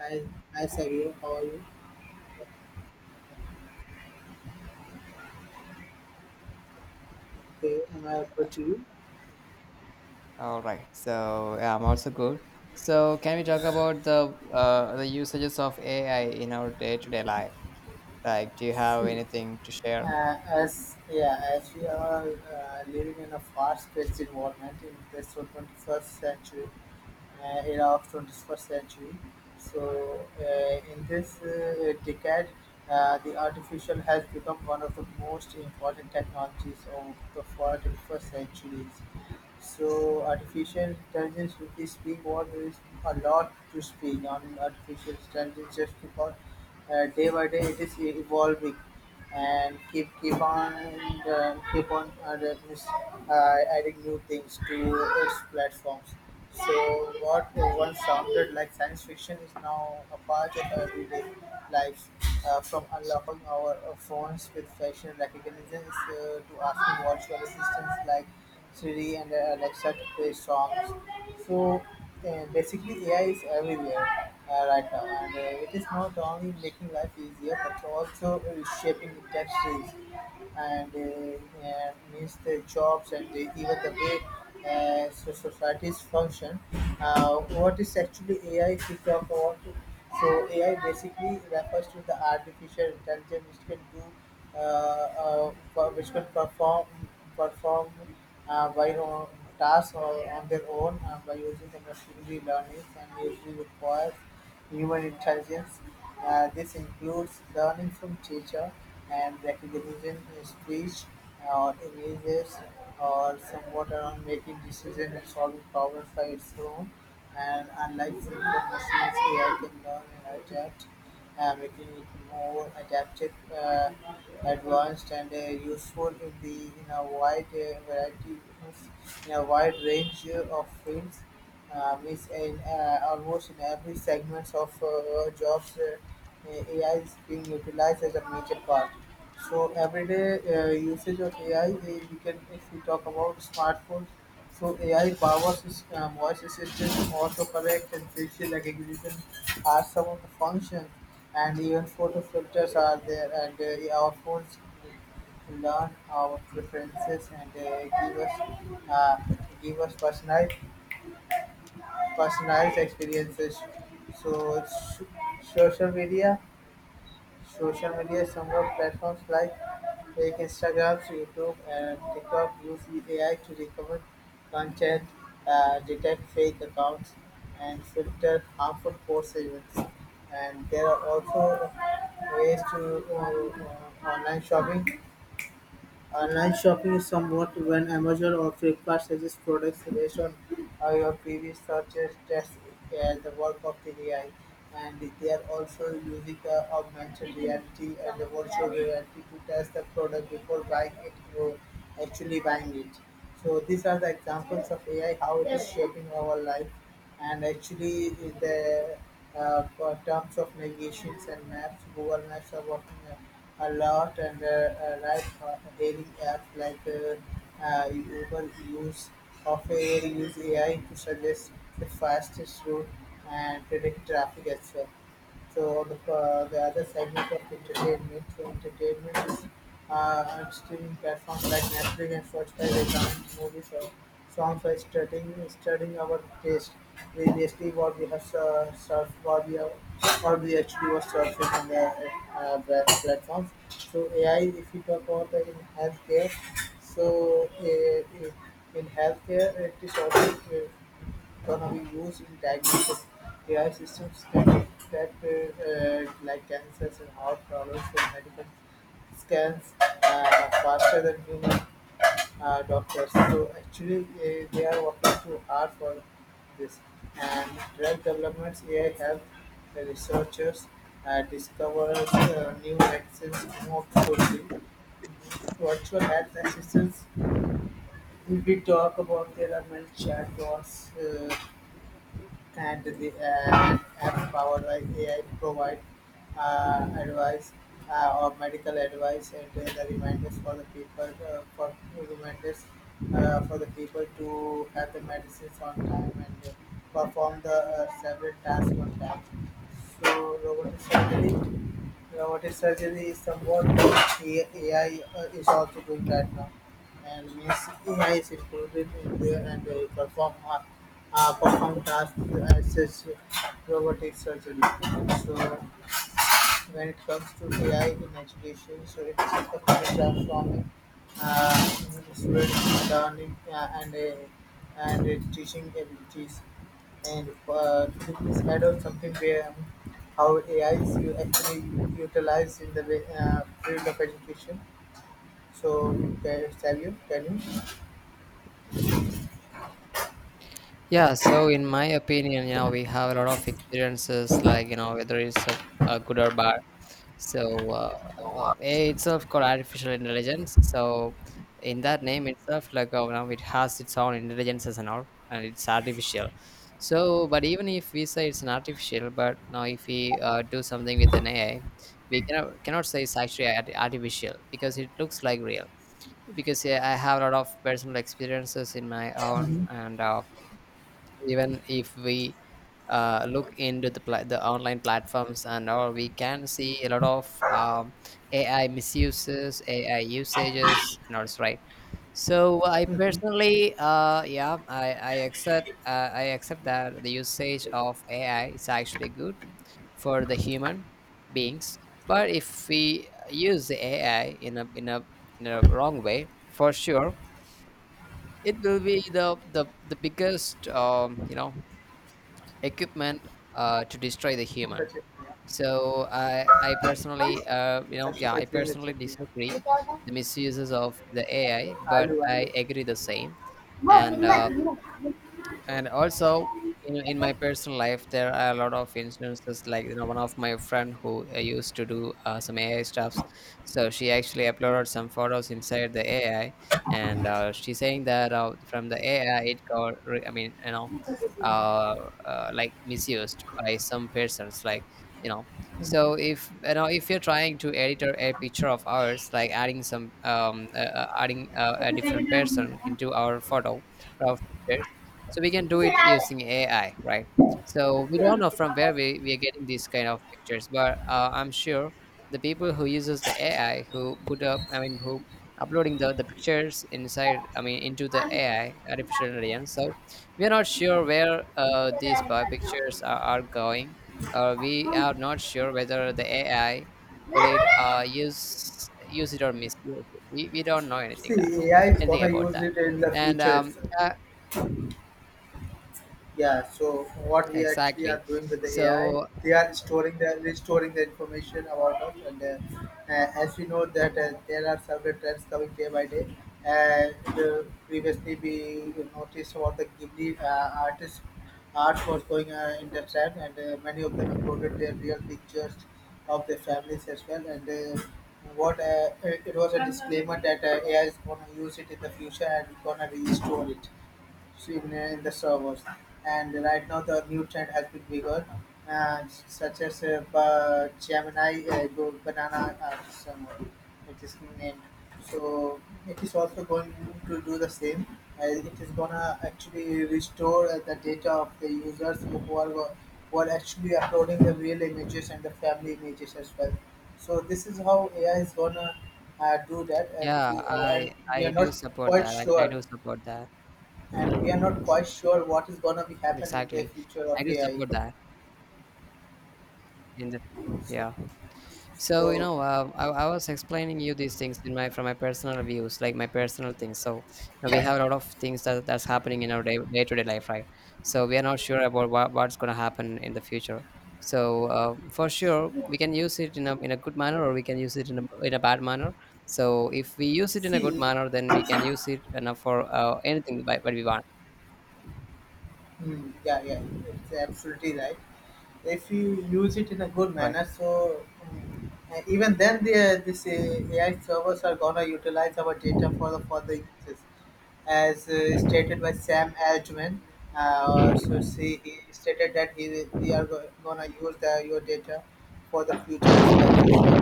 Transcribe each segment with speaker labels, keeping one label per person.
Speaker 1: Hi, hi Savio. How are you? Okay, am I audible to you?
Speaker 2: All right. So yeah, I'm also good. So can we talk about the usages of AI in our day-to-day life? Like, do you have
Speaker 1: See.
Speaker 2: anything to share?
Speaker 1: As we are living in a fast-paced environment in this so 21st century era of 21st century, so in this decade, the artificial has become one of the most important technologies of the 21st centuries. So artificial intelligence, if we speak, what there is a lot to speak on artificial intelligence just because day by day it is evolving and keep keep on keep on this, adding new things to its platforms. So what once sounded like science fiction is now a part of our everyday lives. From unlocking our phones with facial recognition to asking virtual assistants like Siri and Alexa to play songs. So basically, AI is everywhere right now, and it is not only making life easier but also shaping industries and means the jobs and the, even the way so societies function. What is actually AI? If we talk about it, so AI basically refers to the artificial intelligence which can do for- which could perform perform by own tasks or on their own by using the machinery learning and usually requires human intelligence. This includes learning from teacher and recognition in speech or images or somewhat around making decisions and solving problems by its own. And unlike simple machines, AI can learn and adapt, making it more adaptive, advanced, and useful in the in a wide variety of in a wide range of fields. Means in almost in every segment of jobs, AI is being utilized as a major part. So everyday usage of AI, we can if we talk about smartphones, so AI powers voice assistant, autocorrect, and facial recognition are some of the functions, and even photo filters are there. And our phones learn our preferences and uh, give us personalized experiences. So it's social media Social media somewhat platforms like Instagram, YouTube, and TikTok use AI to recover content, detect fake accounts, and filter harmful posts events. And there are also ways to online shopping. Is somewhat when Amazon or Flipkart suggests products based on your previous searches. That's the work of the AI, and they are also using augmented reality and the virtual reality to test the product before buying it or actually buying it. So these are the examples of AI, how it is shaping our life. And actually, in the for terms of navigations and maps, google maps are working a lot, and right, daily apps like uber use of ai use ai to suggest the fastest route and predict traffic as well. So the other segment of entertainment, so entertainment is on streaming platforms like Netflix and Spotify. They recommend movies or songs by studying our taste. Previously, what we have surfed, what we have, what we actually was surfing on the web platforms. So AI, if we talk about the in healthcare, so in healthcare, it is also can be used in diagnosis. AI systems can detect like cancers and heart problems from medical scans faster than human doctors. So actually, they are working too hard for this. And drug developments, AI help the researchers discover new medicines more quickly. Virtual health assistants. If we talk about, there are many chatbots. And the apps powered by AI provide advice or medical advice and the reminders for the people for reminders for the people to have the medicines on time and perform the several tasks on time. So robotic surgery is somewhat, AI is also doing right now, and means AI is included in there and they perform perform tasks as such robotic surgery. So when it comes to AI in education, so it is effectively transforming uh, students' learning and teaching abilities. And could please add on something where how AI is you actually utilized in the field of education? So, can tell you, can you?
Speaker 2: Yeah, so in my opinion, you know, we have a lot of experiences, like, you know, whether it's a good or bad. So AI itself called artificial intelligence. So in that name itself, now it has its own intelligences and all, and it's artificial. So, but even if we say it's an artificial, but now if we do something with an AI, we cannot say it's actually artificial because it looks like real. Because yeah, I have a lot of personal experiences in my own, and even if we look into the the online platforms and all, we can see a lot of AI misuses, AI usages, and all right. So I
Speaker 1: Mm-hmm.
Speaker 2: personally, yeah, I accept I accept that the usage of AI is actually good for the human beings, but if we use the AI in a wrong way, for sure, it will be the biggest you know equipment to destroy the
Speaker 1: उनका
Speaker 2: human.
Speaker 1: Check किया
Speaker 2: So I
Speaker 1: कौन
Speaker 2: personally,
Speaker 1: सरसों का
Speaker 2: I
Speaker 1: train का
Speaker 2: personally
Speaker 1: check किया ये
Speaker 2: disagree
Speaker 1: क्या होता है
Speaker 2: the misuses of the AI, but
Speaker 1: आलू
Speaker 2: I
Speaker 1: आलू
Speaker 2: agree the same.
Speaker 1: वो
Speaker 2: and
Speaker 1: finger
Speaker 2: uh,
Speaker 1: finger
Speaker 2: and also in
Speaker 1: ऐसे.
Speaker 2: my personal life there are a lot of instances, like you know, one of my friend who used to do some AI stuffs. So she actually uploaded some photos inside the AI, and she's saying that from the AI it got I mean, you know, uh, like misused by some persons, like you know. So if you know, if you're trying to edit a picture of ours, like adding some adding a
Speaker 1: See,
Speaker 2: different person into our photo, our picture, so we can do it using AI, right? So we don't know from where we are getting these kind of pictures, but I'm sure the people who uses the AI, who put up, I mean who uploading the pictures inside, I mean into the AI, artificial intelligence. So we are not sure where these pictures are going, or we are not sure whether the AI, will it use it or misuse it. We don't know anything that,
Speaker 1: AI is
Speaker 2: anything
Speaker 1: gonna
Speaker 2: about
Speaker 1: use
Speaker 2: that.
Speaker 1: it in the
Speaker 2: And
Speaker 1: future itself.
Speaker 2: I,
Speaker 1: Yeah, so what we actually are
Speaker 2: exactly.
Speaker 1: doing with the AI,
Speaker 2: So
Speaker 1: they are storing, the restoring the information about us, and as we know that there are several trends coming day by day. And previously, we noticed about the Ghibli artist art was going in the trend, and many of them uploaded their real pictures of their families as well. And what it was a disclaimer that AI is gonna use it in the future and gonna restore it, seen in the servers. And right now, the new trend has been bigger, such as Gemini, Banana, somewhere it is named. So it is also going to do the same. It is gonna actually restore the data of the users who are who are actually uploading the real images and the family images as well. So this is how AI is gonna do that, and
Speaker 2: yeah,
Speaker 1: we,
Speaker 2: I
Speaker 1: are
Speaker 2: I do
Speaker 1: not
Speaker 2: support
Speaker 1: quite
Speaker 2: that. I
Speaker 1: sure,
Speaker 2: do support that.
Speaker 1: and we are not quite sure what is going to be happen in the
Speaker 2: Exactly.
Speaker 1: future
Speaker 2: I
Speaker 1: of
Speaker 2: do
Speaker 1: AI.
Speaker 2: support that in the,
Speaker 1: So,
Speaker 2: yeah. So you
Speaker 1: so,
Speaker 2: know, I was explaining you these things in my, from my personal views, like my personal things. So you know, we have a lot of things that that's happening in our day to day life, right? So we are not sure about what's going to happen in the future. So for sure, we can use it in a good manner, or we can use it in a bad manner. So if we use it in a good
Speaker 1: see,
Speaker 2: manner, then we can use it enough for anything by what we want,
Speaker 1: mm, yeah, yeah, it's absolutely right. If you use it in a good
Speaker 2: right?
Speaker 1: manner, so mm, and even then, the this AI servers are gonna utilize our data for the uses, as stated by Sam Altman. So see, he stated that we are gonna use the, your data for the future aspects as well.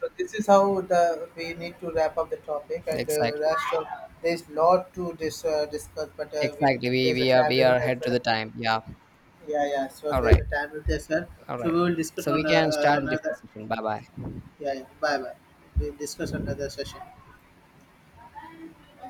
Speaker 1: So this is how the we need to wrap up the topic, and
Speaker 2: Exactly,
Speaker 1: rest of there's lot to discuss, but we,
Speaker 2: exactly. We
Speaker 1: there's a
Speaker 2: we are
Speaker 1: time
Speaker 2: we are
Speaker 1: limit as
Speaker 2: ahead to
Speaker 1: well.
Speaker 2: the time. Yeah.
Speaker 1: Yeah, yeah. So
Speaker 2: All
Speaker 1: there's a
Speaker 2: right.
Speaker 1: time limit as well.
Speaker 2: All
Speaker 1: So
Speaker 2: right.
Speaker 1: we will discuss
Speaker 2: So we
Speaker 1: on
Speaker 2: can start in different
Speaker 1: another.
Speaker 2: session. Bye bye.
Speaker 1: Yeah, yeah. Bye, bye. We'll discuss another session.